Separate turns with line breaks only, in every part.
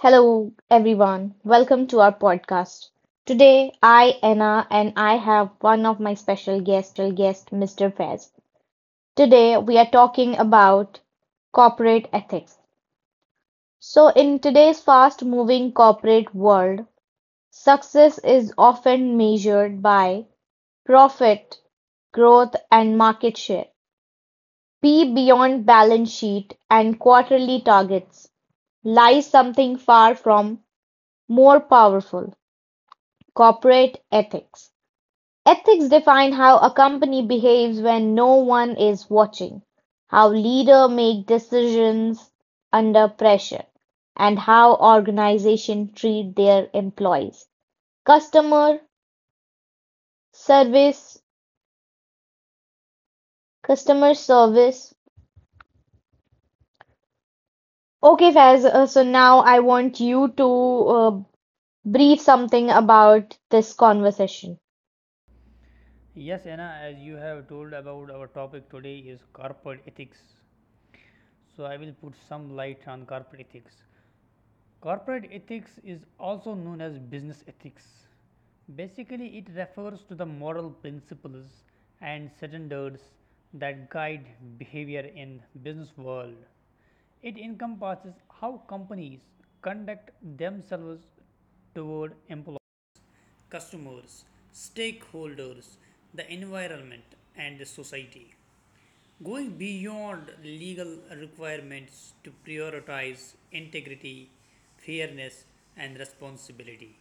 Hello, everyone. Welcome to our podcast. Today, I, Anna, and I have one of my special guests, Mr. Fez. Today, we are talking about corporate ethics. So in today's fast moving corporate world, success is often measured by profit, growth, and market share. Be beyond balance sheet and quarterly targets lies something far from more powerful. Corporate ethics: ethics define how a company behaves when no one is watching, how leaders make decisions under pressure, and how organizations treat their employees. Customer service, customer service. Okay, Faz, so now I want you to uh, brief something about this conversation.
Yes, Anna, as you have told, about our topic today is corporate ethics. So I will put some light on corporate ethics. Corporate ethics is also known as business ethics. Basically, it refers to the moral principles and standards that guide behavior in business world. It encompasses how companies conduct themselves toward employees, customers, stakeholders, the environment, and the society, going beyond legal requirements to prioritize integrity, fairness, and responsibility.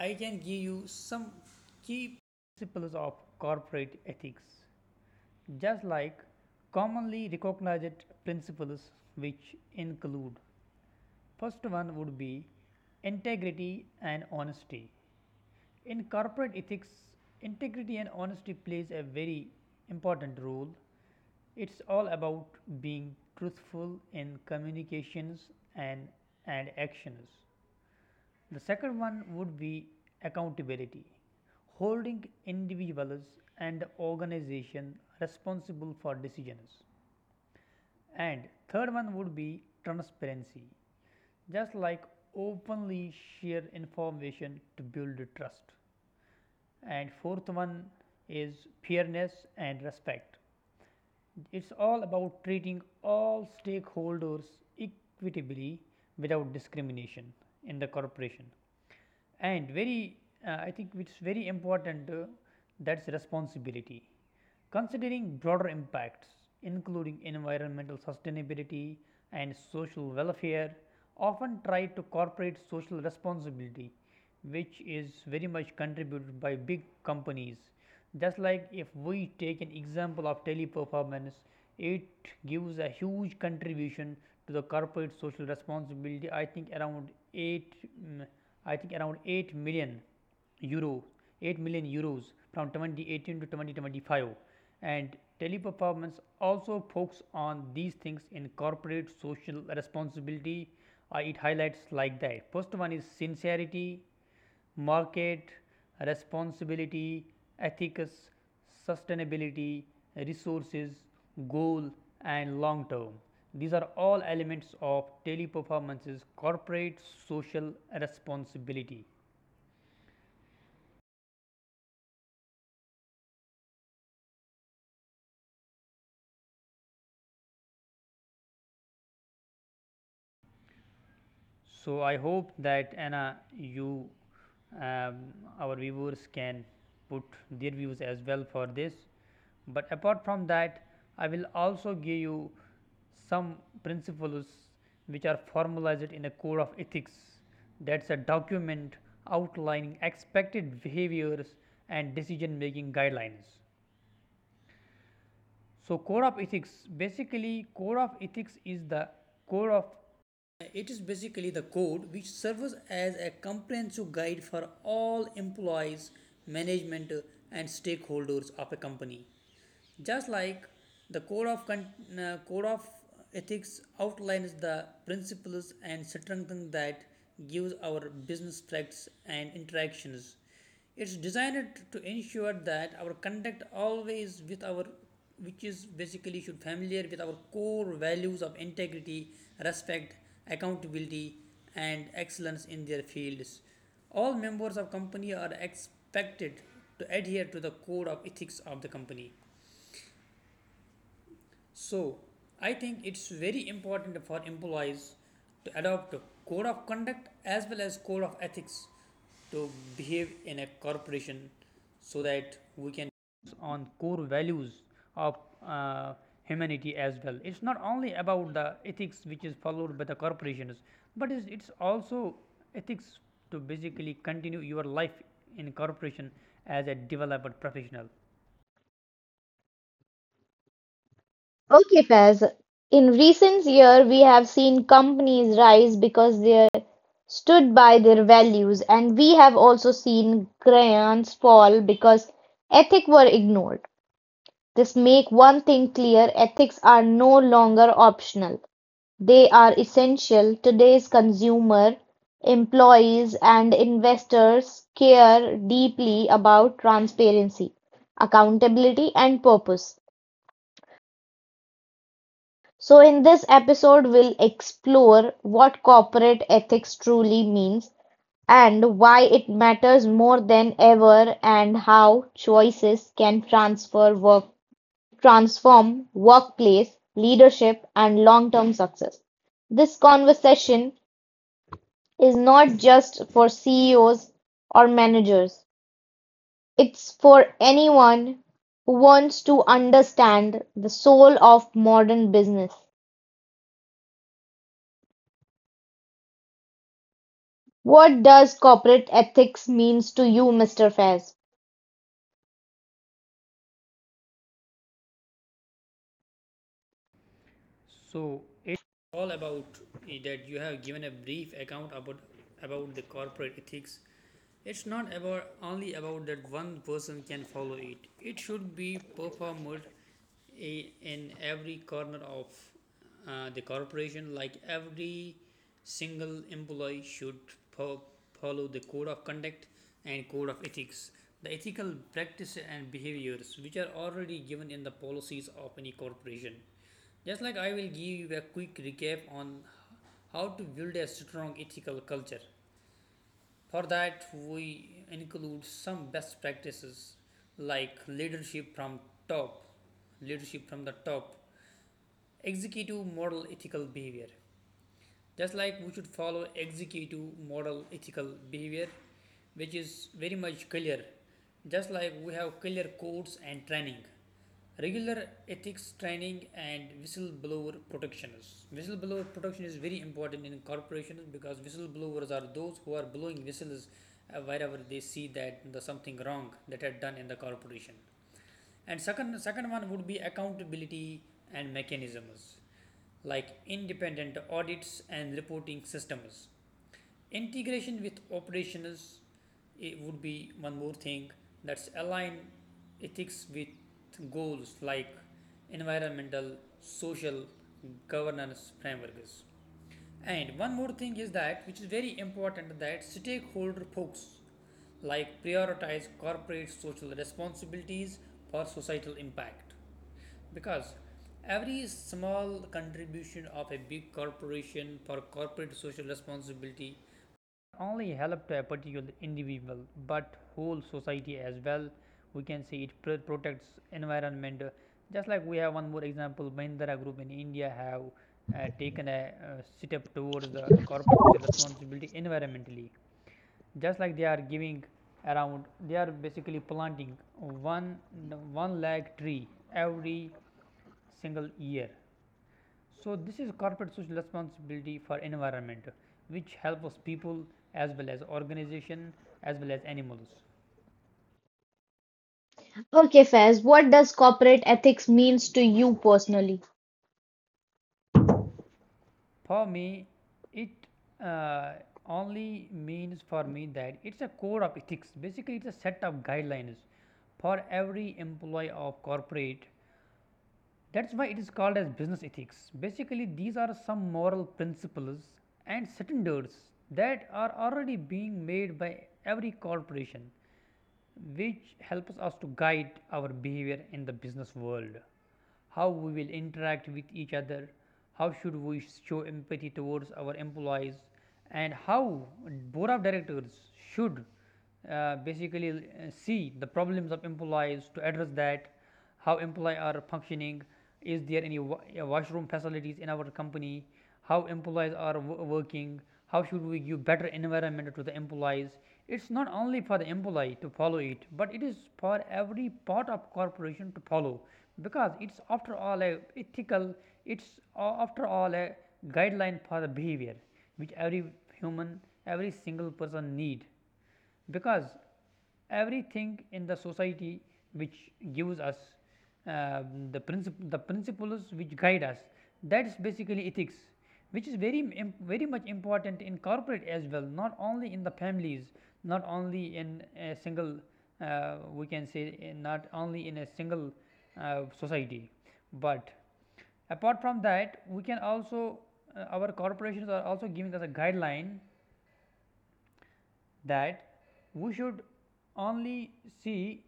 I can give you some key principles of corporate ethics, just like commonly recognized principles, which include: first one would be integrity and honesty. In corporate ethics, integrity and honesty plays a very important role. It's all about being truthful in communications and and actions. The second one would be accountability, holding individuals and organizations responsible for decisions. And third one would be transparency, just like openly share information to build trust. And fourth one is fairness and respect. It's all about treating all stakeholders equitably, without discrimination in the corporation. And very, I think it's very important, that's responsibility, considering broader impacts, including environmental sustainability and social welfare, often try to corporate social responsibility, which is very much contributed by big companies, just like if we take an example of Teleperformance. It gives a huge contribution to the corporate social responsibility. I think around 8, i think around 8 million euro 8 million euros from 2018 to 2025. And Teleperformance also focuses on these things in corporate social responsibility. It highlights, like, that first one is sincerity, market responsibility, ethics, sustainability, resources, goal, and long term. These are all elements of Teleperformance's corporate social responsibility. So, I hope that Anna, you um, our viewers can put their views as well for this. But apart from that, I will also give you some principles which are formalized in a code of ethics, that is a document outlining expected behaviors and decision making guidelines. So, core of ethics, basically, core of ethics is the core of, it is basically the code which serves as a comprehensive guide for all employees, management, and stakeholders of a company. Just like the code of ethics outlines the principles and strengthens that gives our business practices and interactions. It's designed to ensure that our conduct always with our, which is basically should familiar with our core values of integrity, respect, accountability, and excellence in their fields. All members of company are expected to adhere to the code of ethics of the company. So, I think it's very important for employees to adopt a code of conduct as well as code of ethics to behave in a corporation, so that we can focus on core values of uh, humanity as well. It's not only about the ethics which is followed by the corporations, but it's also ethics to basically continue your life in corporation as a developed professional.
Okay, Faz. In recent years, we have seen companies rise because they stood by their values, and we have also seen giants fall because ethics were ignored. This make one thing clear: ethics are no longer optional; they are essential. Today's consumer, employees, and investors care deeply about transparency, accountability, and purpose. So in this episode we'll explore what corporate ethics truly means and why it matters more than ever and how choices can transfer work transform workplace leadership and long-term success. This conversation is not just for CEOs or managers. It's for anyone who wants to understand the soul of modern business. What does corporate ethics means to you, Mr. Faz?
So it's all about, that you have given a brief account about the corporate ethics. It's not about, only about that one person can follow it. It should be performed in every corner of the corporation. Like every single employee should fo- follow the code of conduct and code of ethics, the ethical practices and behaviors which are already given in the policies of any corporation. Just like I will give you a quick recap on how to build a strong ethical culture. For that, we include some best practices like leadership from top, leadership from the top, executive moral ethical behavior, just like we should follow executive model, ethical behavior, which is very much clear. Just like we have clear codes and training, regular ethics training, and whistleblower protections. Whistleblower protection is very important in corporations, because whistleblowers are those who are blowing whistles wherever they see that the something wrong that had done in the corporation. And second one would be accountability and mechanisms, like independent audits and reporting systems. Integration with operations, it would be one more thing, that's align ethics with goals like environmental, social, governance frameworks. And one more thing is that, which is very important, that stakeholder folks, like prioritize corporate social responsibilities for societal impact. Because every small contribution of a big corporation for corporate social responsibility only help to a particular individual but whole society as well, we can say it protects environment. Just like we have one more example, Mahindra Group in India have taken a, step towards the corporate social responsibility environmentally, just like they are giving around, they are basically planting one one lakh tree every single year. So this is corporate social responsibility for environment, which helps people as well as organization as well as animals.
Okay, Faiz, what does corporate ethics means to you personally?
For me, it uh, only means, for me, that it's a code of ethics. Basically, it's a set of guidelines for every employee of corporate. That's why it is called as business ethics. Basically, these are some moral principles and standards that are already being made by every corporation, which helps us to guide our behavior in the business world. How we will interact with each other, how should we show empathy towards our employees, and how board of directors should basically see the problems of employees to address that, how employees are functioning, is there any washroom facilities in our company, how employees are working, how should we give better environment to the employees. It's not only for the employee to follow it, but it is for every part of corporation to follow, because it's after all a ethical, it's after all a guideline for the behavior which every human, every single person need, because everything in the society which gives us uh, the the principles which guide us, that's basically ethics, which is very very much important in corporate as well, not only in the families, not only in a single, we can say in not only in a single society. But apart from that, we can also, our corporations are also giving us a guideline that we should only see,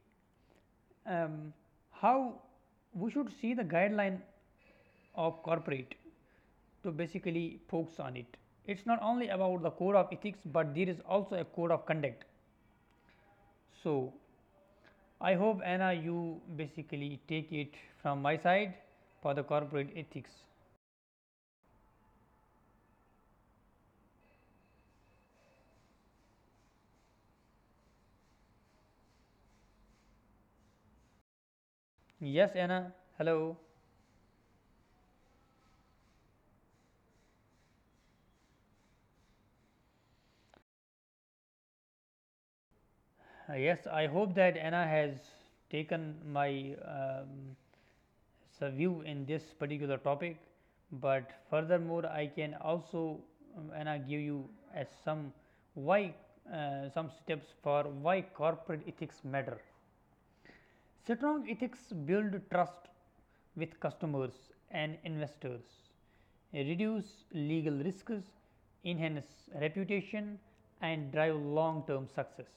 um, how we should see the guideline of corporate to basically focus on it. It is not only about the code of ethics, but there is also a code of conduct. So, I hope Anna, you basically take it from my side for the corporate ethics. Yes Anna, hello. Yes, I hope that Anna has taken my, so view in this particular topic. But furthermore, I can also, and I give you as some why, some steps for why corporate ethics matter. Strong ethics build trust with customers and investors, reduce legal risks, enhance reputation, and drive long term success,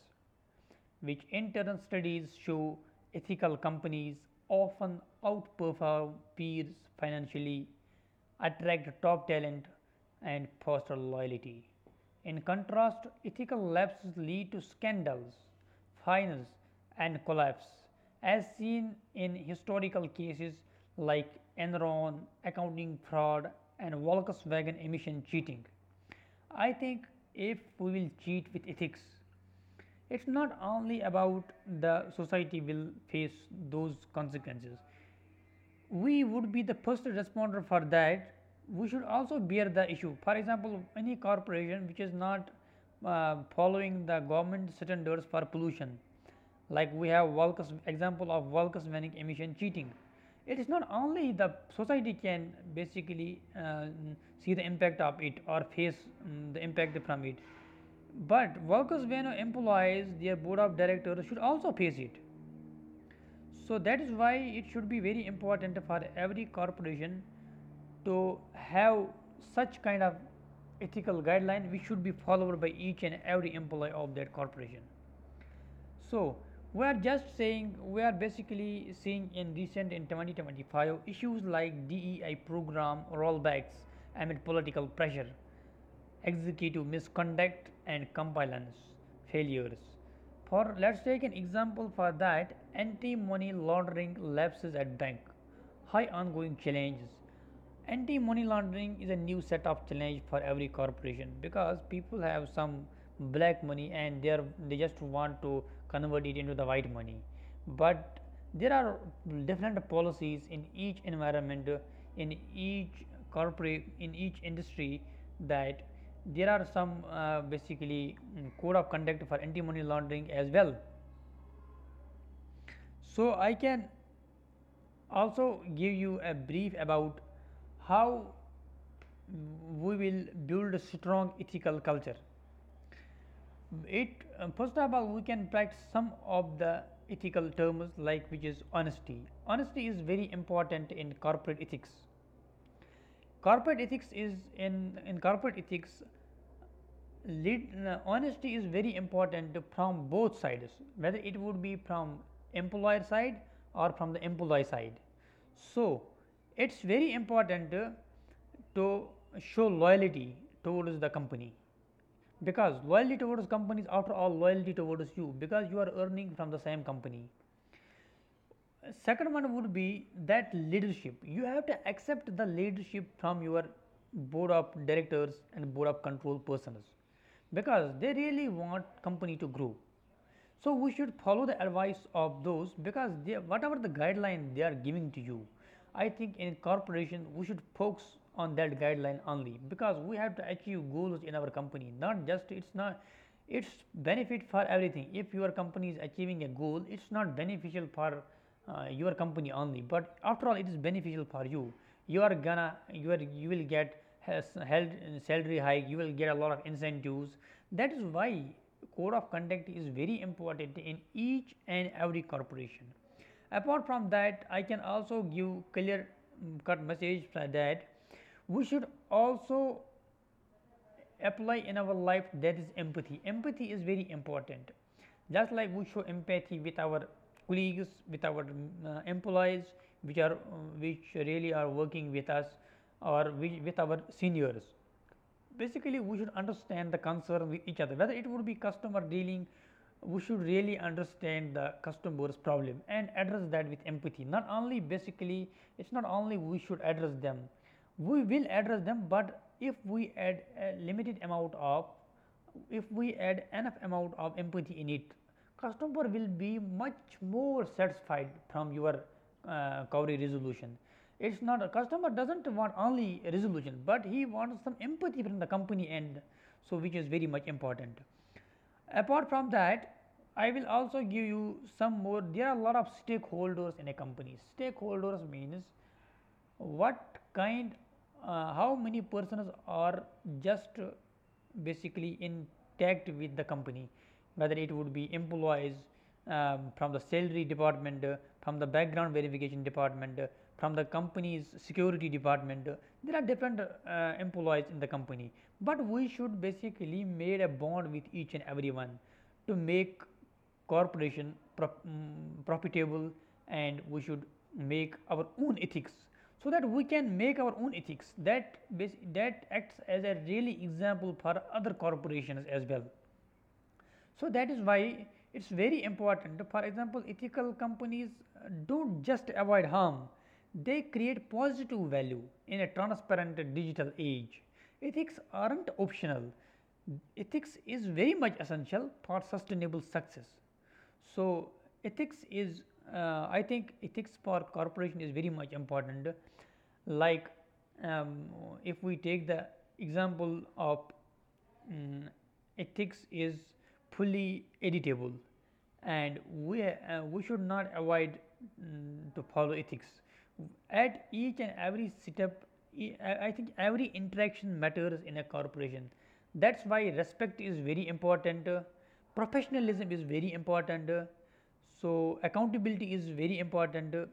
which in turn studies show ethical companies often outperform peers financially, attract top talent, and foster loyalty. In contrast, ethical lapses lead to scandals, fines, and collapse, as seen in historical cases like Enron accounting fraud and Volkswagen emission cheating. I think if we will cheat with ethics, it is not only about the society will face those consequences, we would be the first responder for that. We should also bear the issue. For example, any corporation which is not following the government standards for pollution, like we have Volcus example of Volkswagen emission cheating. It is not only the society can basically see the impact of it or face the impact from it, but Volkswagen employees, their board of directors, should also face it. So that is why it should be very important for every corporation to have such kind of ethical guideline which should be followed by each and every employee of that corporation. So we are just saying, we are basically seeing in recent, in 2025, issues like DEI program rollbacks amid political pressure, executive misconduct, and compliance failures. For, let's take an example for that: anti-money laundering lapses at bank, high ongoing challenges. Anti money laundering is a new set of challenge for every corporation, because people have some black money and they just want to convert it into the white money. But there are different policies in each environment, in each corporate, in each industry, that there are some basically, code of conduct for anti money laundering as well. So, I can also give you a brief about how we will build a strong ethical culture. It, first of all, we can practice some of the ethical terms, like, which is honesty. Honesty is very important in corporate ethics. Corporate ethics is in corporate ethics lead, honesty is very important from both sides, whether it would be from employer side or from the employee side. So it's very important, to show loyalty towards the company, because loyalty towards companies, after all, loyalty towards you, because you are earning from the same company. Second one would be that leadership. You have to accept the leadership from your board of directors and board of control persons because they really want company to grow. So we should follow the advice of those because they, whatever the guideline they are giving to you, I think in corporation we should focus on that guideline only because we have to achieve goals in our company. Not just it's not it's benefit for everything. If your company is achieving a goal, it's not beneficial for your company only, but after all it is beneficial for you. You are gonna you are You will get has held salary hike, you will get a lot of incentives. That is why code of conduct is very important in each and every corporation. Apart from that, I can also give clear cut message that we should also apply in our life, that is empathy. Empathy is very important. Just like we show empathy with our colleagues, with our employees, which are which really are working with us, or which, with our seniors, basically we should understand the concern with each other. Whether it would be customer dealing, we should really understand the customer's problem and address that with empathy. Not only basically it is not only we should address them, we will address them, but if we add a limited amount of, if we add enough amount of empathy in it, customer will be much more satisfied from your query resolution. It is not, a customer does not want only resolution, but he wants some empathy from the company end. So, which is very much important. Apart from that, I will also give you some more. There are a lot of stakeholders in a company. Stakeholders means what kind, how many persons are just basically in tagged with the company, whether it would be employees, from the salary department, from the background verification department, from the company's security department. There are different employees in the company, but we should basically made a bond with each and everyone to make corporation profitable, and we should make our own ethics so that we can make our own ethics that acts as a really example for other corporations as well. So that is why it's very important. For example, ethical companies don't just avoid harm, they create positive value in a transparent digital age. Ethics aren't optional. Ethics is very much essential for sustainable success. So ethics is, I think, ethics for corporation is very much important. Like, um, if we take the example of mm, ethics is fully editable and we should not avoid to follow ethics. At each and every setup, I think every interaction matters in a corporation. That's why respect is very important, professionalism is very important, so accountability is very important. uh,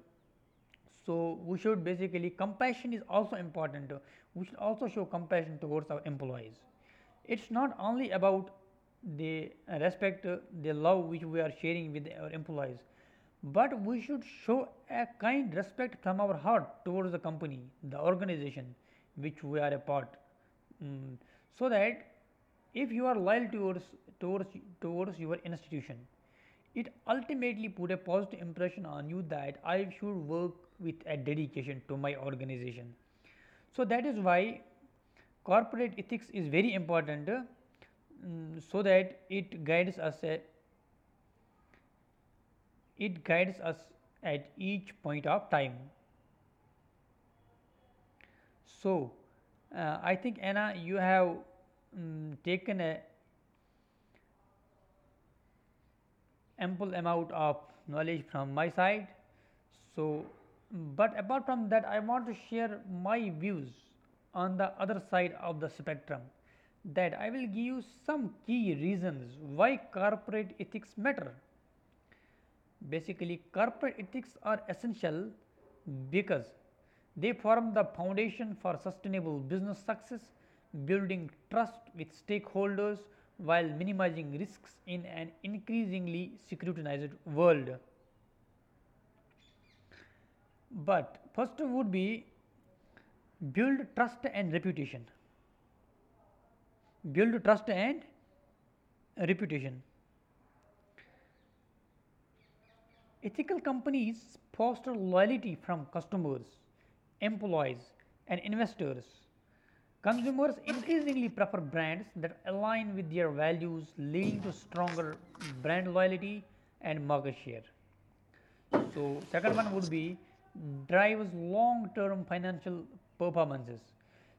so, We should basically, compassion is also important, we should also show compassion towards our employees. It is not only about the respect, the love which we are sharing with our employees, but we should show a kind respect from our heart towards the company, the organization which we are a part. Mm, so that if you are loyal towards towards your institution, it ultimately put a positive impression on you, that I should work with a dedication to my organization. So that is why corporate ethics is very important, so that it guides us at, it guides us at each point of time. So I think Anna, you have taken a ample amount of knowledge from my side. So, but apart from that I want to share my views on the other side of the spectrum, that I will give you some key reasons why corporate ethics matter. Basically, corporate ethics are essential because they form the foundation for sustainable business success, building trust with stakeholders while minimizing risks in an increasingly scrutinized world. But first would be build trust and reputation. Build trust and reputation. Ethical companies foster loyalty from customers, employees, and investors. Consumers increasingly prefer brands that align with their values, leading to stronger brand loyalty and market share. So, second one would be drives long term financial performances.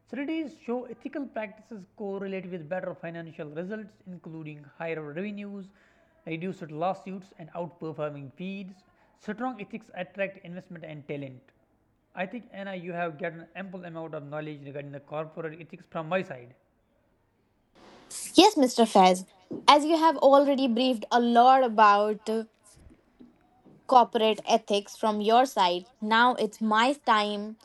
Studies show ethical practices correlate with better financial results, including higher revenues, reduced lawsuits and outperforming fees. Strong ethics attract investment and talent. I think Anna, you have gotten ample amount of knowledge regarding the corporate ethics from my side.
Yes, Mr. Fez, as you have already briefed a lot about corporate ethics from your side, now it's my time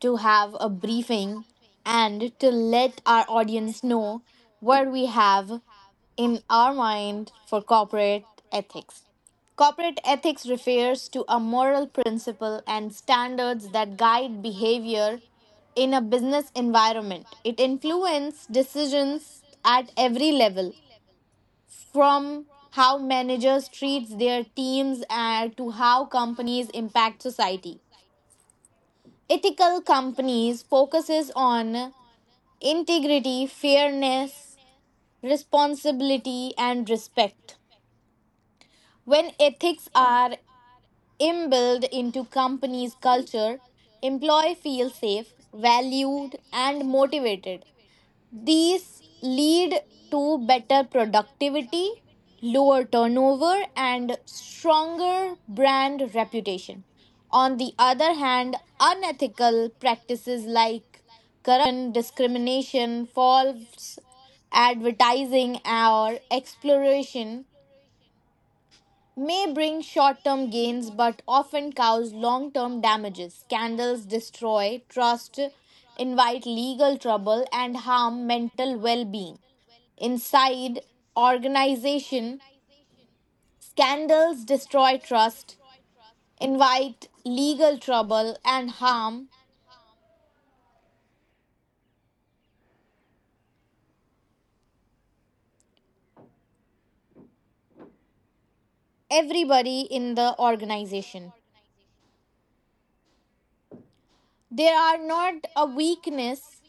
to have a briefing and to let our audience know what we have in our mind for corporate ethics. Corporate ethics refers to a moral principle and standards that guide behavior in a business environment. It influences decisions at every level, from how managers treats their teams and to how companies impact society. Ethical companies focuses on integrity, fairness, responsibility, and respect. When ethics are inbuilt into companies culture, employee feel safe, valued, and motivated. These lead to better productivity, lower turnover, and stronger brand reputation. On the other hand, unethical practices like corruption, discrimination, false advertising, or exploration may bring short term gains but often cause long term damages. Scandals destroy trust, invite legal trouble, and harm mental well being. Inside organization, scandals destroy trust, invite legal trouble, and harm everybody in the organization. They are not a weakness,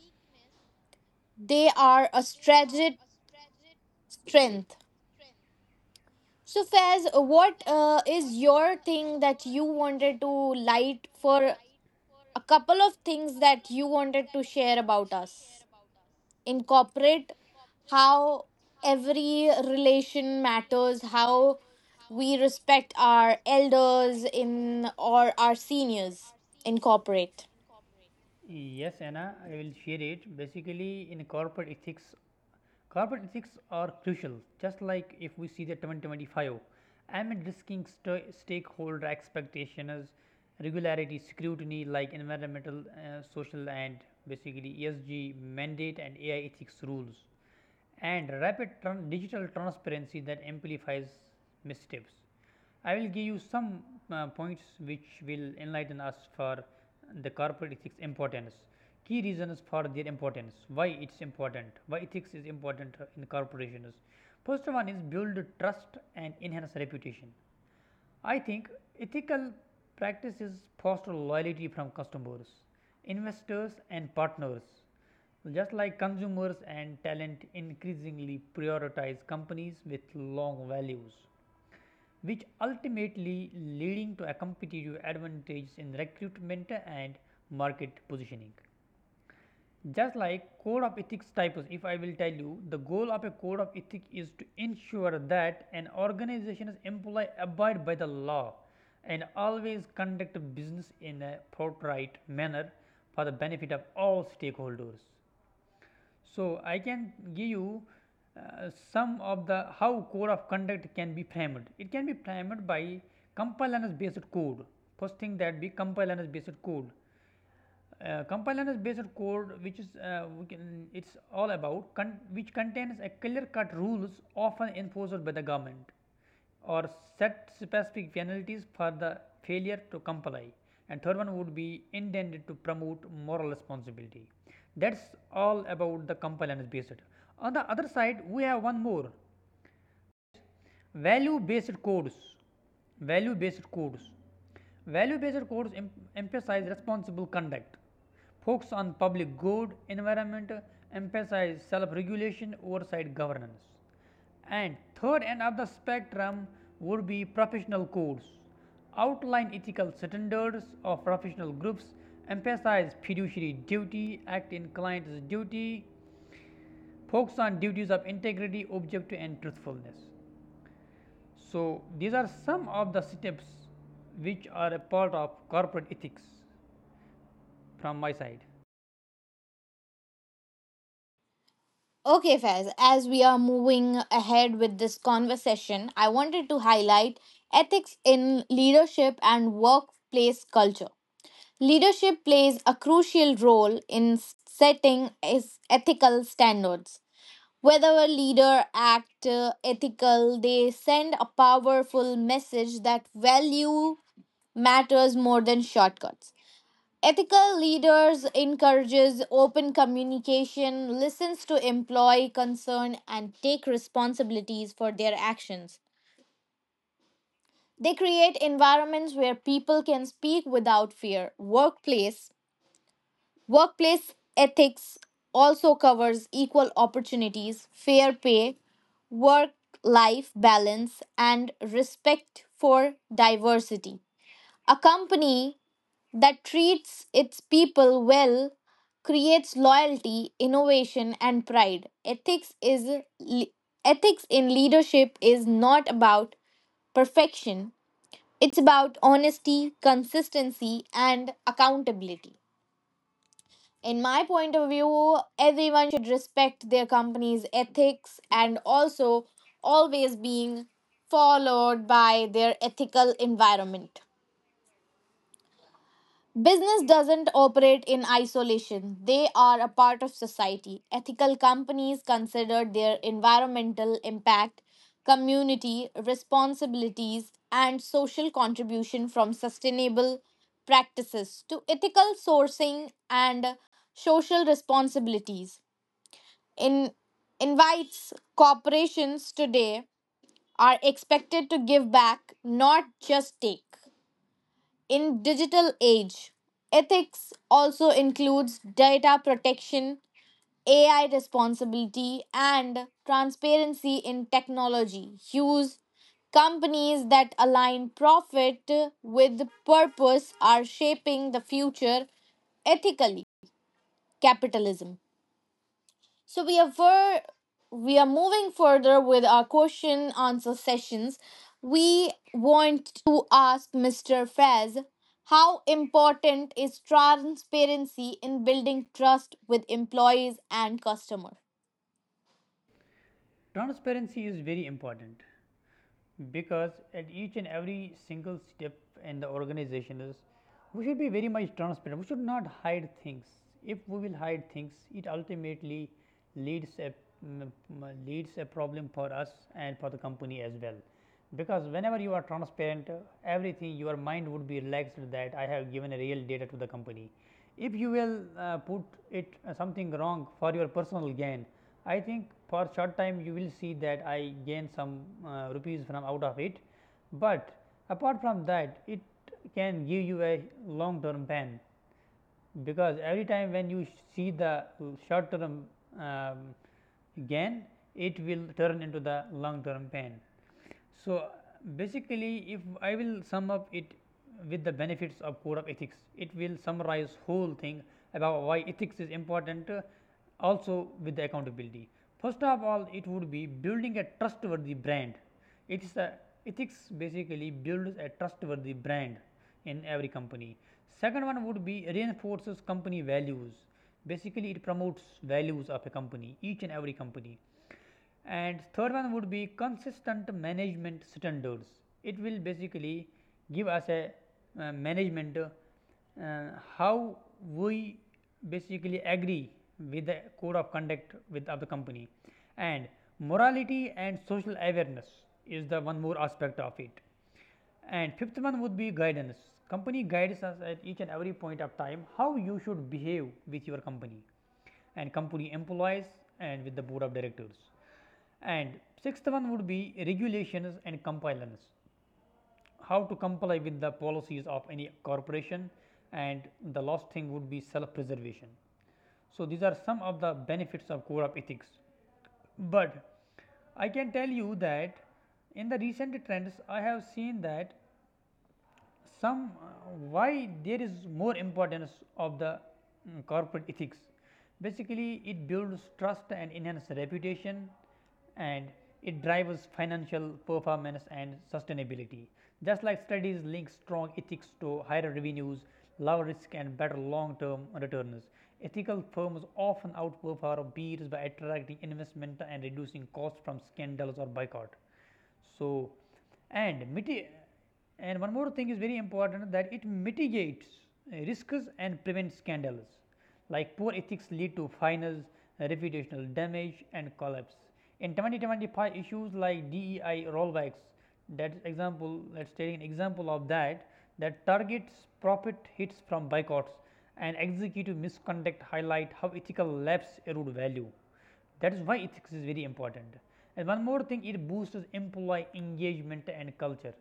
they are a strategic strength. So, Faiz, what is your thing that you wanted to light for a couple of things that you wanted to share about us? Incorporate how every relation matters, how we respect our elders in or our seniors. Incorporate.
Yes, Anna, I will share it. Basically, in corporate ethics are crucial. Just like if we see the 2025, amid risking stakeholder expectations, regularity, scrutiny, like environmental, social, and basically ESG mandate and AI ethics rules and digital transparency that amplifies missteps. I will give you some points which will enlighten us for the corporate ethics importance. Key reasons for their importance, why it's important, why ethics is important in corporations. First one is build trust and enhance reputation. I think ethical practices foster loyalty from customers, investors, and partners. Just like consumers and talent increasingly prioritize companies with long values, which ultimately leading to a competitive advantage in recruitment and market positioning. Just like code of ethics types, if I will tell you, the goal of a code of ethics is to ensure that an organization's employee abide by the law and always conduct business in a forthright manner for the benefit of all stakeholders. So I can give you some of the how code of conduct can be framed. It can be framed by compliance based code. First thing that be compliance based code. Compliance based code, which is we can, it's all about which contains a clear cut rules often enforced by the government or set specific penalties for the failure to comply, and third one would be intended to promote moral responsibility. That's all about the compliance based. On the other side we have one more, value based codes, value based codes, value based codes emphasize responsible conduct, focus on public good environment, emphasize self regulation oversight governance. And third end of the spectrum would be professional codes. Outline ethical standards of professional groups, emphasize fiduciary duty, act in client's duty, focus on duties of integrity, objectivity, and truthfulness. So, these are some of the steps which are a part of corporate ethics from my side.
Okay, Faiz, as we are moving ahead with this conversation, I wanted to highlight ethics in leadership and workplace culture. Leadership plays a crucial role in setting ethical standards. Whether a leader acts ethical, they send a powerful message that value matters more than shortcuts. Ethical leaders encourages open communication, listens to employee concern and take responsibilities for their actions. They create environments where people can speak without fear. Workplace ethics also covers equal opportunities, fair pay, work life balance, and respect for diversity. A company that treats its people well creates loyalty, innovation, and pride. Le- ethics in leadership is not about perfection. It's about honesty, consistency, and accountability. In my point of view, everyone should respect their company's ethics and also always being followed by their ethical environment. Business doesn't operate in isolation. They are a part of society. Ethical companies consider their environmental impact, community responsibilities, and social contribution. From sustainable practices to ethical sourcing and social responsibilities, in invites corporations today are expected to give back not just take. In digital age, ethics also includes data protection, ai responsibility, and transparency in technology use. Companies that align profit with purpose are shaping the future ethically capitalism. So we are for, we are moving further with our question answer sessions. We want to ask Mr. Fez how important is transparency in building trust with employees and customer?
Transparency is very important, because at each and every single step in the organization is we should be very much transparent. We should not hide things. If we will hide things, it ultimately leads a leads a problem for us and for the company as well. Because whenever you are transparent, everything your mind would be relaxed that I have given a real data to the company. If you will put it something wrong for your personal gain, I think for short time you will see that I gain some rupees from out of it, but apart from that it can give you a long term pain, because every time when you see the short term um, gain it will turn into the long term pain. So, basically if I will sum up it with the benefits of code of ethics, it will summarize whole thing about why ethics is important also with the accountability. First of all it would be building a trustworthy brand. It is a ethics basically builds a trustworthy brand in every company. Second one would be reinforces company values. Basically, it promotes values of a company, each and every company. And third one would be consistent management standards. It will basically give us a management how we basically agree with the code of conduct with of the company, and morality and social awareness is the one more aspect of it, and fifth one would be guidance. Company guides us at each and every point of time how you should behave with your company and company employees and with the board of directors. And sixth one would be regulations and compliance. How to comply with the policies of any corporation, and the last thing would be self-preservation. So these are some of the benefits of core of ethics. But I can tell you that in the recent trends I have seen that some why there is more importance of the corporate ethics. Basically it builds trust and enhances reputation, and it drives financial performance and sustainability. Just like studies link strong ethics to higher revenues, lower risk and better long term returns. Ethical firms often outperform peers by attracting investment and reducing costs from scandals or boycott. So, and miti and one more thing is very important, that it mitigates risks and prevents scandals, like poor ethics lead to finals, reputational damage and collapse. In 2025, issues like DEI rollbacks — that example let's take an example of that that targets profit hits from boycotts, and executive misconduct highlight how ethical lapse erode value. That is why ethics is very important. And one more thing, it boosts employee engagement and culture.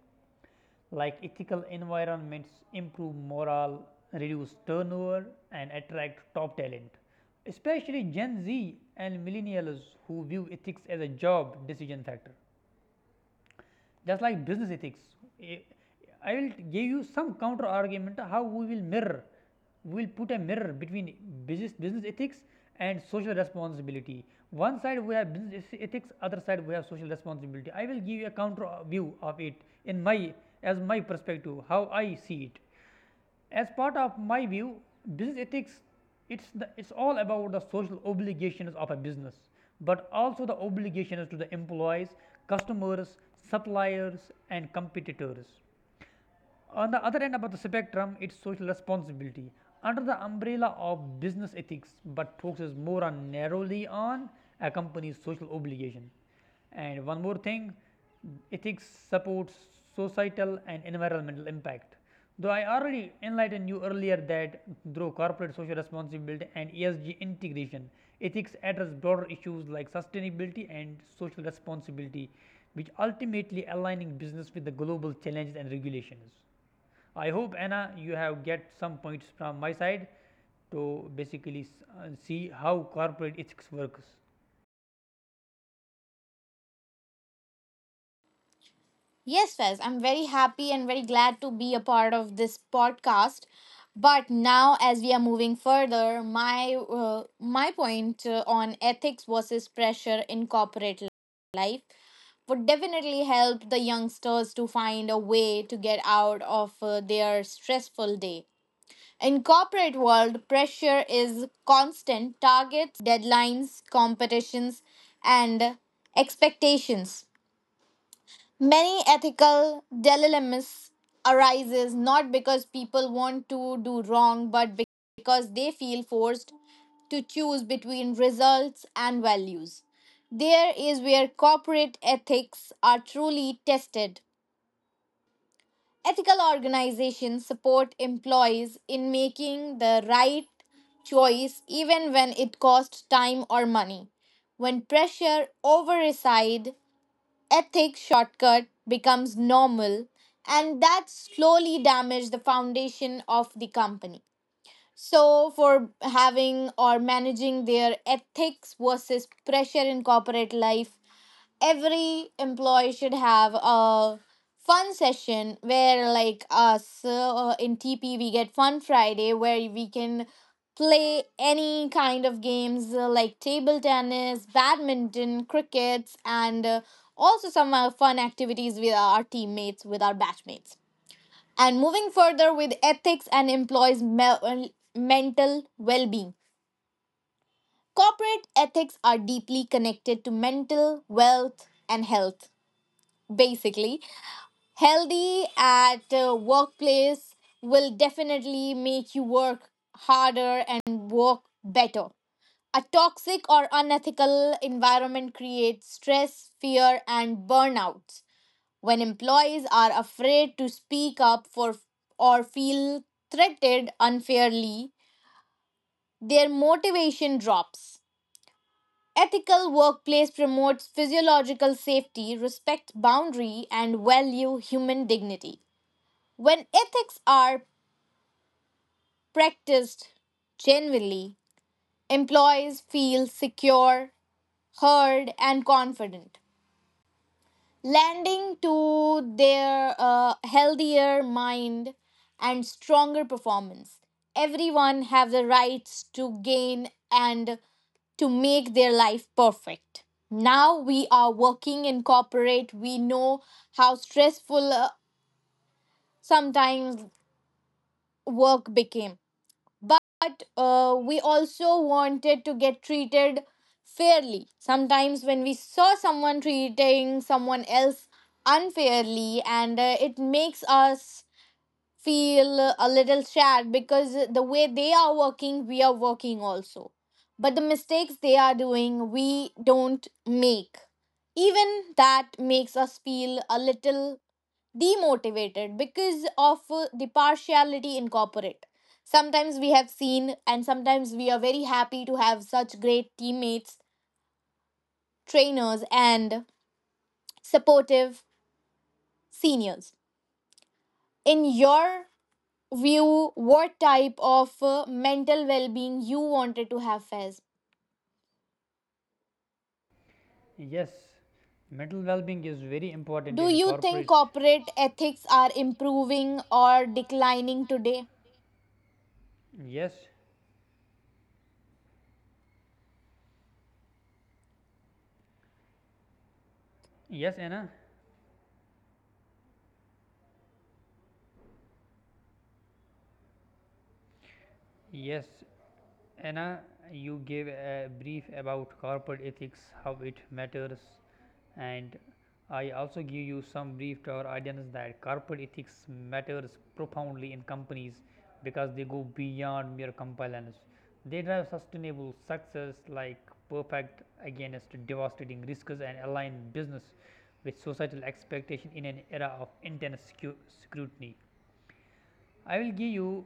Like ethical environments improve morale, reduce turnover, and attract top talent, especially Gen Z and millennials who view ethics as a job decision factor. Just like business ethics, eh, I will give you some counter argument how we will put a mirror between business ethics and social responsibility. One side we have business ethics, other side we have social responsibility. I will give you a counter view of it in my perspective, how I see it. As part of my view, business ethics, it is all about the social obligations of a business, but also the obligations to the employees, customers, suppliers, and competitors. On the other end of the spectrum, it's social responsibility under the umbrella of business ethics, but focuses more on narrowly on a company's social obligation. And one more thing, ethics supports societal and environmental impact. Though I already enlightened you earlier that through corporate social responsibility and ESG integration, ethics address broader issues like sustainability and social responsibility, which ultimately aligning business with the global challenges and regulations. I hope Anna, you have get some points from my side to basically see how corporate ethics works.
Yes, Fez, I'm very happy and very glad to be a part of this podcast. But now, as we are moving further, my point on ethics versus pressure in corporate life would definitely help the youngsters to find a way to get out of their stressful day. In corporate world, pressure is constant. Targets, deadlines, competitions, and expectations. Many ethical dilemmas arises not because people want to do wrong but because they feel forced to choose between results and values. There is where corporate ethics are truly tested. Ethical organizations support employees in making the right choice even when it costs time or money. When pressure overside ethic, shortcut becomes normal and that slowly damages the foundation of the company. So for having or managing their ethics versus pressure in corporate life, every employee should have a fun session where like us in tp we get fun friday where we can play any kind of games like table tennis, badminton, crickets and also some fun activities with our teammates, with our batchmates. And moving further with ethics and employees mental well-being, corporate ethics are deeply connected to mental wealth and health. Basically healthy at workplace will definitely make you work harder and work better. A toxic or unethical environment creates stress, fear and burnouts. When employees are afraid to speak up for or feel threatened unfairly, their motivation drops. Ethical workplace promotes physiological safety, respects boundary and value human dignity. When ethics are practiced genuinely, employees feel secure, heard, and confident, lending to their healthier mind and stronger performance. Everyone have the rights to gain and to make their life perfect. Now we are working in corporate. We know how stressful sometimes work became. But we also wanted to get treated fairly. Sometimes, when we saw someone treating someone else unfairly, and it makes us feel a little sad because the way they are working, we are working also. But the mistakes they are doing, we don't make. Even that makes us feel a little demotivated because of the partiality in corporate. Sometimes we have seen, and sometimes we are very happy to have such great teammates, trainers, and supportive seniors. In your view, what type of mental well being you wanted to have, Fez?
Yes, mental well-being is very important
Do
in
you think
corporate.
corporate ethics are improving or declining today?
Yes, yes Anna, yes Anna, you gave a brief about corporate ethics, how it matters, and I also give you some brief to our audience that corporate ethics matters profoundly in companies because they go beyond mere compliance. They drive sustainable success, like perfect against devastating risks and align business with societal expectation in an era of intense scrutiny. I will give you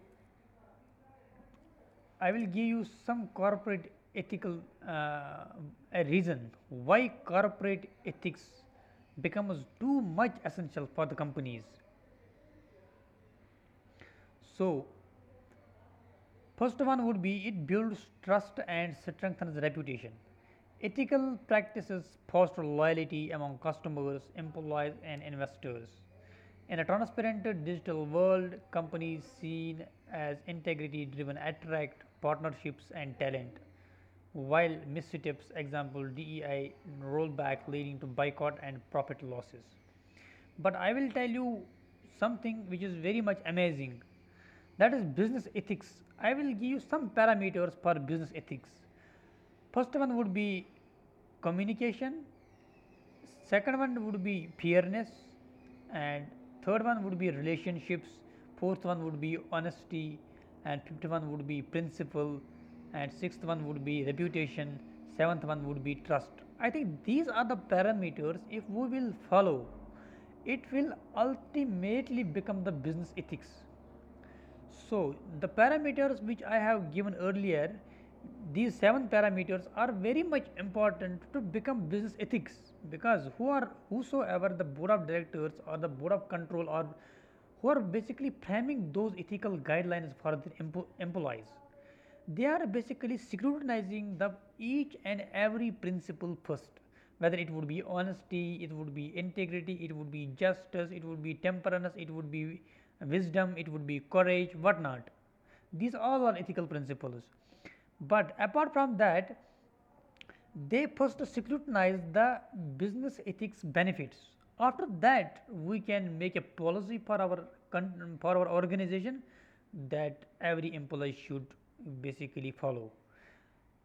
I will give you some corporate ethical uh, a reason why corporate ethics becomes too much essential for the companies. So, first one would be, it builds trust and strengthens reputation. Ethical practices foster loyalty among customers, employees, and investors. In a transparent digital world, companies seen as integrity driven attract partnerships and talent, while missteps, example DEI rollback, leading to boycott and profit losses. But I will tell you something which is very much amazing, that is business ethics. I will give you some parameters for business ethics. First one would be communication, second one would be fairness, and third one would be relationships, fourth one would be honesty, and fifth one would be principle, and sixth one would be reputation, seventh one would be trust. I think these are the parameters, if we will follow, it will ultimately become the business ethics. So the parameters which I have given earlier, these seven parameters are very much important to become business ethics, because who are whosoever the board of directors or the board of control or who are basically framing those ethical guidelines for their employees, they are basically scrutinizing the each and every principle first, whether it would be honesty, it would be integrity, it would be justice, it would be temperance, it would be wisdom, it would be courage, whatnot. These all are ethical principles. But apart from that, they first scrutinize the business ethics benefits. After that, we can make a policy for our organization that every employee should basically follow.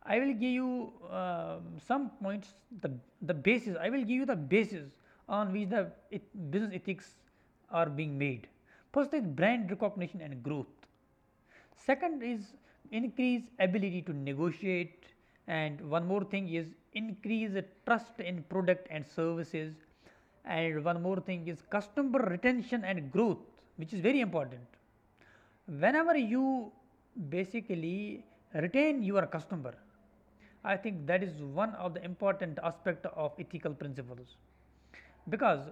I will give you some points. The the basis I will give you the basis on which the business ethics are being made. First is brand recognition and growth. Second is increase ability to negotiate, and one more thing is increase trust in product and services, and one more thing is customer retention and growth, which is very important. Whenever you basically retain your customer, I think that is one of the important aspect of ethical principles, because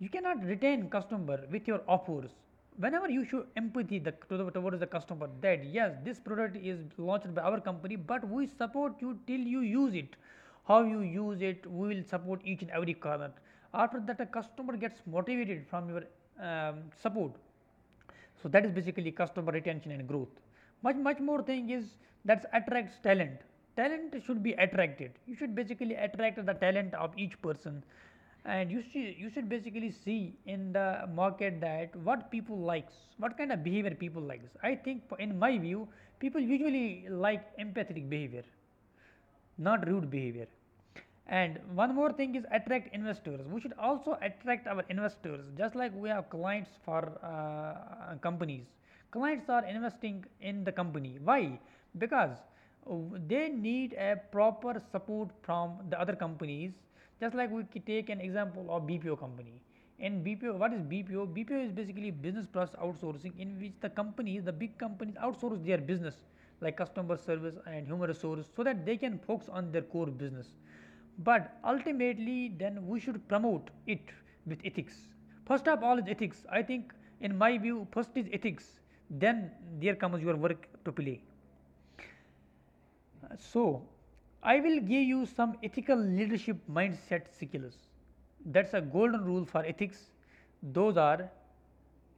you cannot retain customer with your offers. Whenever you show empathy towards the customer, that yes, this product is launched by our company, but we support you till you use it, how you use it, we will support each and every corner. After that, a customer gets motivated from your support. So that is basically customer retention and growth. Much much more thing is that attracts talent. Talent should be attracted. You should basically attract the talent of each person, and you should basically see in the market that what people likes, what kind of behavior people likes. I think in my view, people usually like empathetic behavior, not rude behavior. And one more thing is attract investors. We should also attract our investors, just like we have clients for companies. Clients are investing in the company. Why? Because uh, they need a proper support from the other companies, just like we take an example of BPO company. And BPO, what is BPO? BPO is basically business process outsourcing, in which the companies, the big companies, outsource their business, like customer service and human resource, so that they can focus on their core business. But ultimately, then we should promote it with ethics. First of all is ethics. I think, in my view, first is ethics. Then there comes your work to play. So, I will give you some ethical leadership mindset skills. That's a golden rule for ethics. Those are: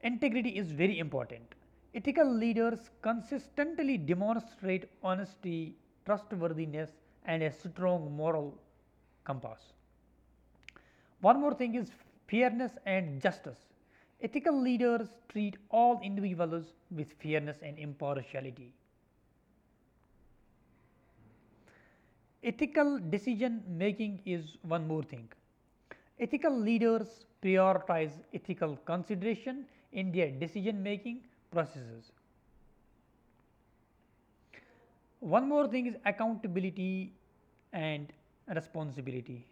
integrity is very important. Ethical leaders consistently demonstrate honesty, trustworthiness, and a strong moral compass. One more thing is fairness and justice. Ethical leaders treat all individuals with fairness and impartiality. Ethical decision making is one more thing. Ethical leaders prioritize ethical consideration in their decision making processes. One more thing is accountability and responsibility.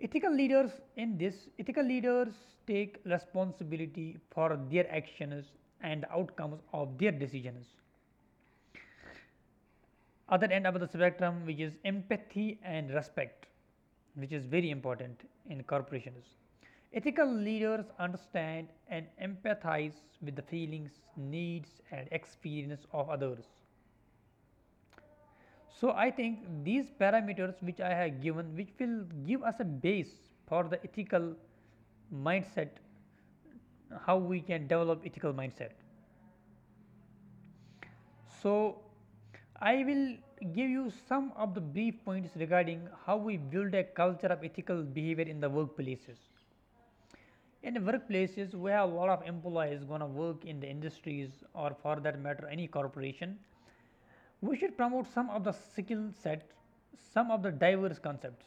Ethical leaders take responsibility for their actions and the outcomes of their decisions. Other end of the spectrum, which is empathy and respect, which is very important in corporations. Ethical leaders understand and empathize with the feelings, needs, and experience of others. So I think these parameters which I have given, which will give us a base for the ethical mindset, how we can develop ethical mindset. So, I will give you some of the brief points regarding how we build a culture of ethical behavior in the workplaces. In the workplaces, we have a lot of employees gonna work in the industries, or for that matter, any corporation. We should promote some of the skill set, some of the diverse concepts.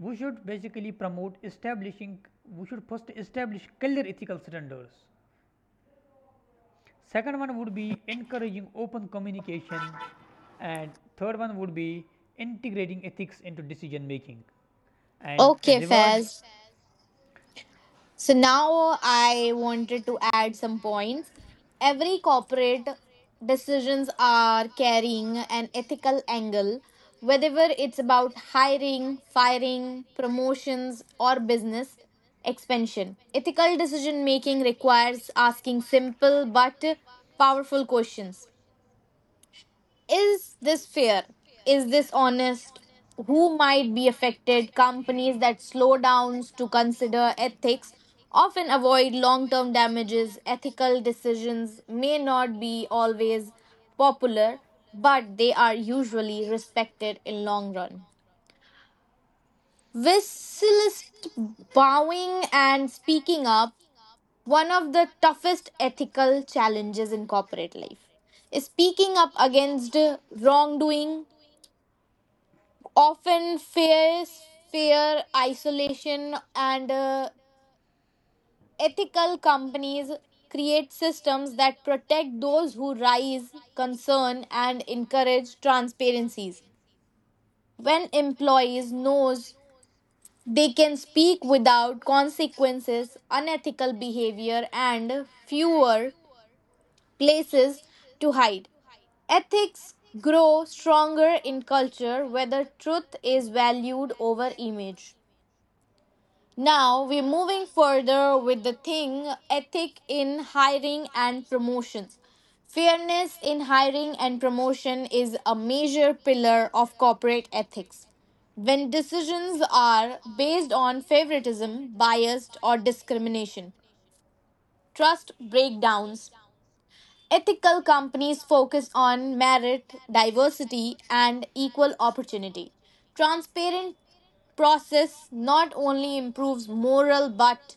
We should first establish clear ethical standards. Second one would be encouraging open communication, and third one would be integrating ethics into decision making. And
Okay,
reward
Faz. So now I wanted to add some points. Every corporate decisions are carrying an ethical angle, whether it's about hiring, firing, promotions, or business expansion. Ethical decision making requires asking simple but powerful questions. Is this fair? Is this honest? Who might be affected? Companies that slow down to consider ethics often avoid long term damages. Ethical decisions may not be always popular, but they are usually respected in long run. Whistlist bowing and speaking up, one of the toughest ethical challenges in corporate life. Is Speaking up against wrongdoing often fear isolation and ethical companies create systems that protect those who raise concern and encourage transparencies. When employees knows they can speak without consequences, unethical behavior and fewer places to hide. Ethics grow stronger in culture whether truth is valued over image. Now we're moving further with the thing, ethic in hiring and promotions. Fairness in hiring and promotion is a major pillar of corporate ethics. When decisions are based on favoritism, bias, or discrimination, trust breakdowns. Ethical companies focus on merit, diversity, and equal opportunity. Transparent process not only improves moral but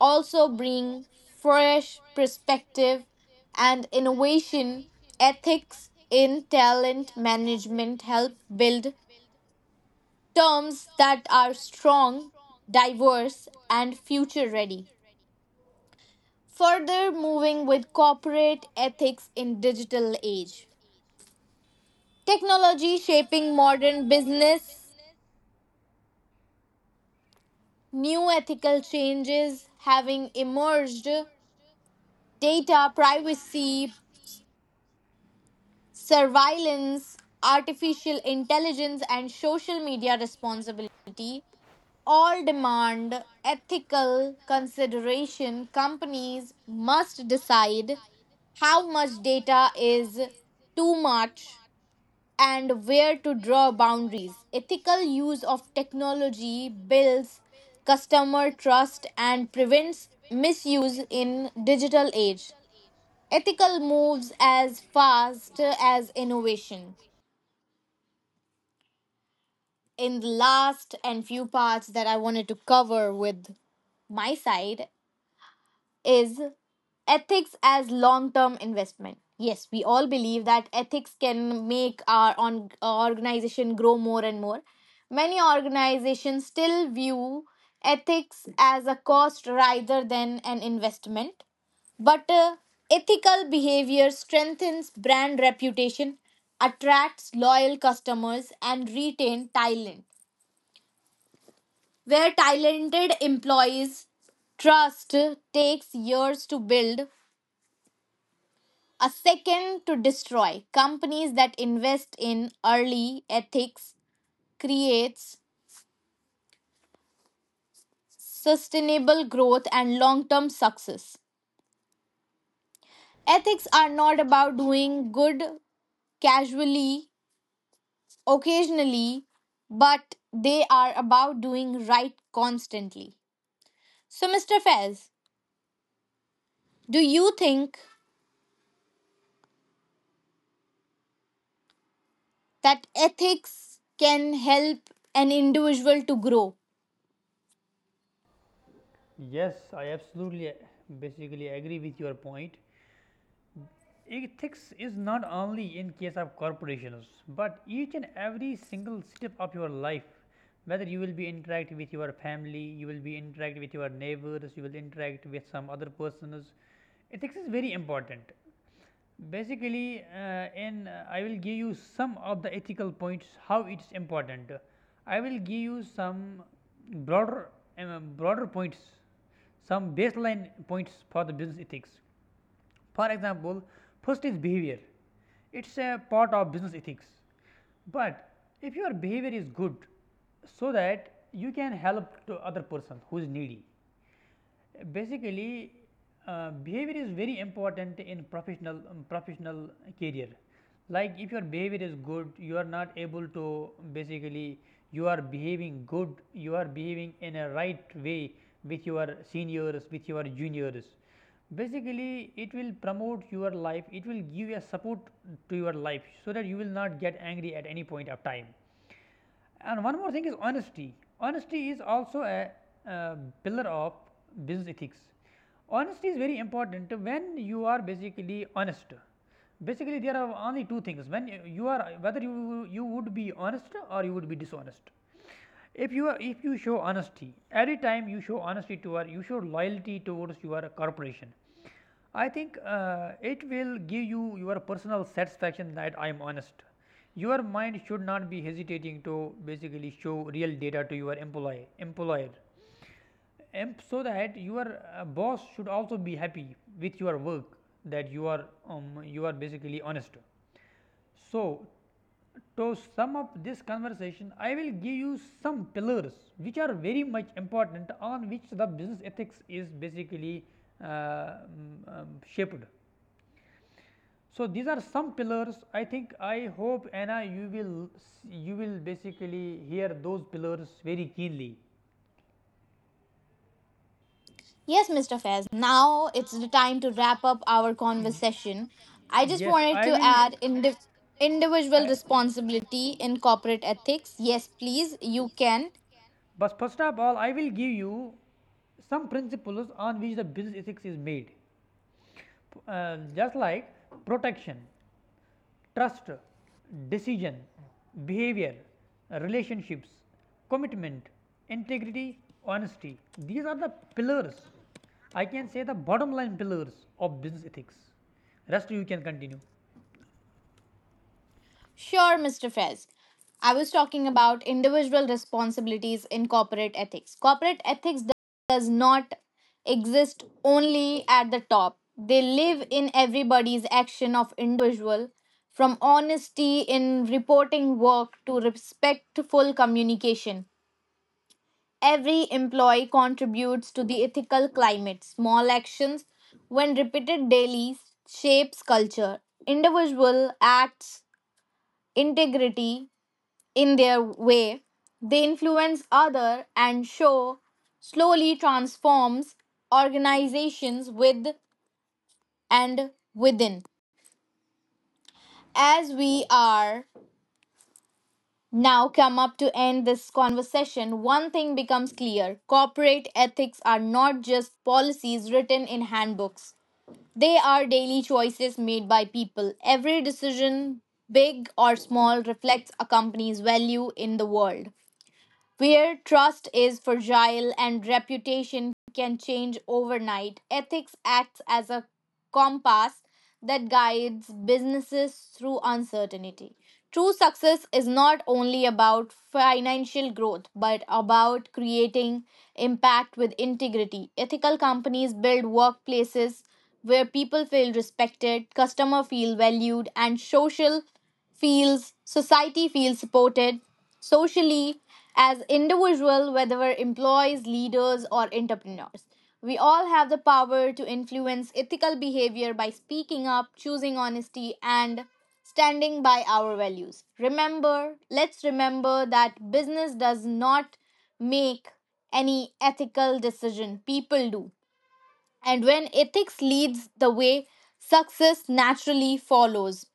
also bring fresh perspective and innovation. Ethics in talent management help build terms that are strong, diverse and future ready. Further moving with corporate ethics in digital age, technology shaping modern business, new ethical changes having emerged, data privacy, surveillance, artificial intelligence, and social media responsibility all demand ethical consideration. Companies must decide how much data is too much and where to draw boundaries. Ethical use of technology builds customer trust and prevents misuse in digital age. Ethical moves as fast as innovation. In the last and few parts that I wanted to cover with my side is ethics as long term investment. Yes, we all believe that ethics can make our on, organization grow more and more. Many organizations still view ethics as a cost rather than an investment. But ethical behavior strengthens brand reputation, attracts loyal customers, and retain talent. Where talented employees trust takes years to build, a second to destroy. Companies that invest in early ethics creates sustainable growth and long term success. Ethics are not about doing good casually, occasionally, but they are about doing right constantly. So, Mr. Fez, do you think that ethics can help an individual to grow?
Yes, I absolutely basically agree with your point. Ethics is not only in case of corporations, but each and every single step of your life, whether you will be interact with your family, you will be interact with your neighbors, you will interact with some other persons. Ethics is very important. Basically, and I will give you some of the ethical points how it's important. I will give you some broader broader points, some baseline points for the business ethics. For example, first is behavior. It's a part of business ethics. But if your behavior is good, so that you can help to other person who is needy. Basically, behavior is very important in professional career. Like if your behavior is good, you are not able to basically you are behaving good, you are behaving in a right way with your seniors, with your juniors. Basically, it will promote your life, it will give a support to your life, so that you will not get angry at any point of time. And one more thing is honesty. Honesty is also a uh, pillar of business ethics. Honesty is very important. When you are basically honest, basically there are only two things, when you are, whether you would be honest or you would be dishonest. If you are, if you show honesty every time, you show honesty to our, you show loyalty towards your corporation, I think it will give you your personal satisfaction that I am honest. Your mind should not be hesitating to basically show real data to your employee employer, and so that your boss should also be happy with your work, that you are basically honest. So, to sum up this conversation, I will give you some pillars which are very much important, on which the business ethics is basically uh, um, shaped. So these are some pillars. I think I hope Anna, you will basically hear those pillars very keenly.
Yes, Mr. Faiz, now it's the time to wrap up our
Y-
conversation. I just
Yes,
wanted
I
to
will.
add individual
I,
responsibility in corporate ethics. Yes, please, you can.
but first of all, I will give you some principles on which the business ethics is made. Just like: protection, trust, decision, behavior, relationships, commitment, integrity, honesty. These are the pillars, I can say the bottom line pillars of business ethics. Rest you can continue.
Sure, Mr. Faiz. I was talking about individual responsibilities in corporate ethics. Corporate ethics does not exist only at the top. They live in everybody's action of individual, from honesty in reporting work to respectful communication. Every employee contributes to the ethical climate. Small actions, when repeated daily, shapes culture. Individual acts integrity in their way, they influence other and show slowly transforms organizations with and within. As we are now come up to end this conversation, one thing becomes clear, corporate ethics are not just policies written in handbooks, they are daily choices made by people. Every decision, big or small, reflects a company's value in the world. Where trust is fragile and reputation can change overnight, ethics acts as a compass that guides businesses through uncertainty. True success is not only about financial growth, but about creating impact with integrity. Ethical companies build workplaces where people feel respected, customers feel valued, and social feels society feels supported socially. As individual, whether we're employees, leaders or entrepreneurs, we all have the power to influence ethical behavior by speaking up, choosing honesty and standing by our values. Remember, let's remember that business does not make any ethical decision, people do. And when ethics leads the way, success naturally follows.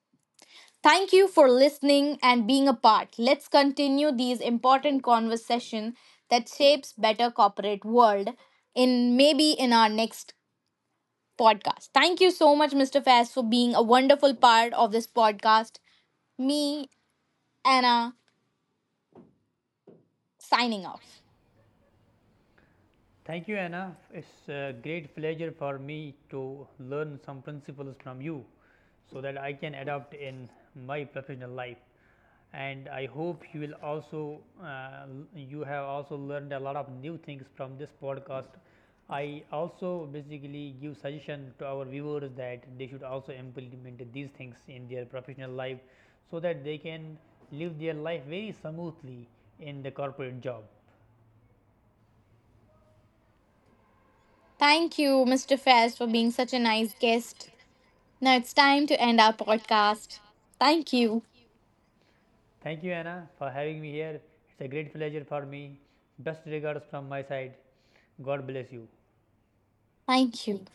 Thank you for listening and being a part. Let's continue these important conversation that shapes better corporate world in maybe in our next podcast. Thank you so much Mr. Faz, for being a wonderful part of this podcast. Me Anna signing off.
Thank you, Anna. It's a great pleasure for me to learn some principles from you so that I can adopt in my professional life. And I hope you will also, you have also learned a lot of new things from this podcast. I also basically give suggestion to our viewers that they should also implement these things in their professional life so that they can live their life very smoothly in the corporate job.
Thank you Mr. Faz, for being such a nice guest. Now it's time to end our podcast. Thank you.
Thank you, Anna, for having me here. It's a great pleasure for me. Best regards from my side. God bless you.
Thank you.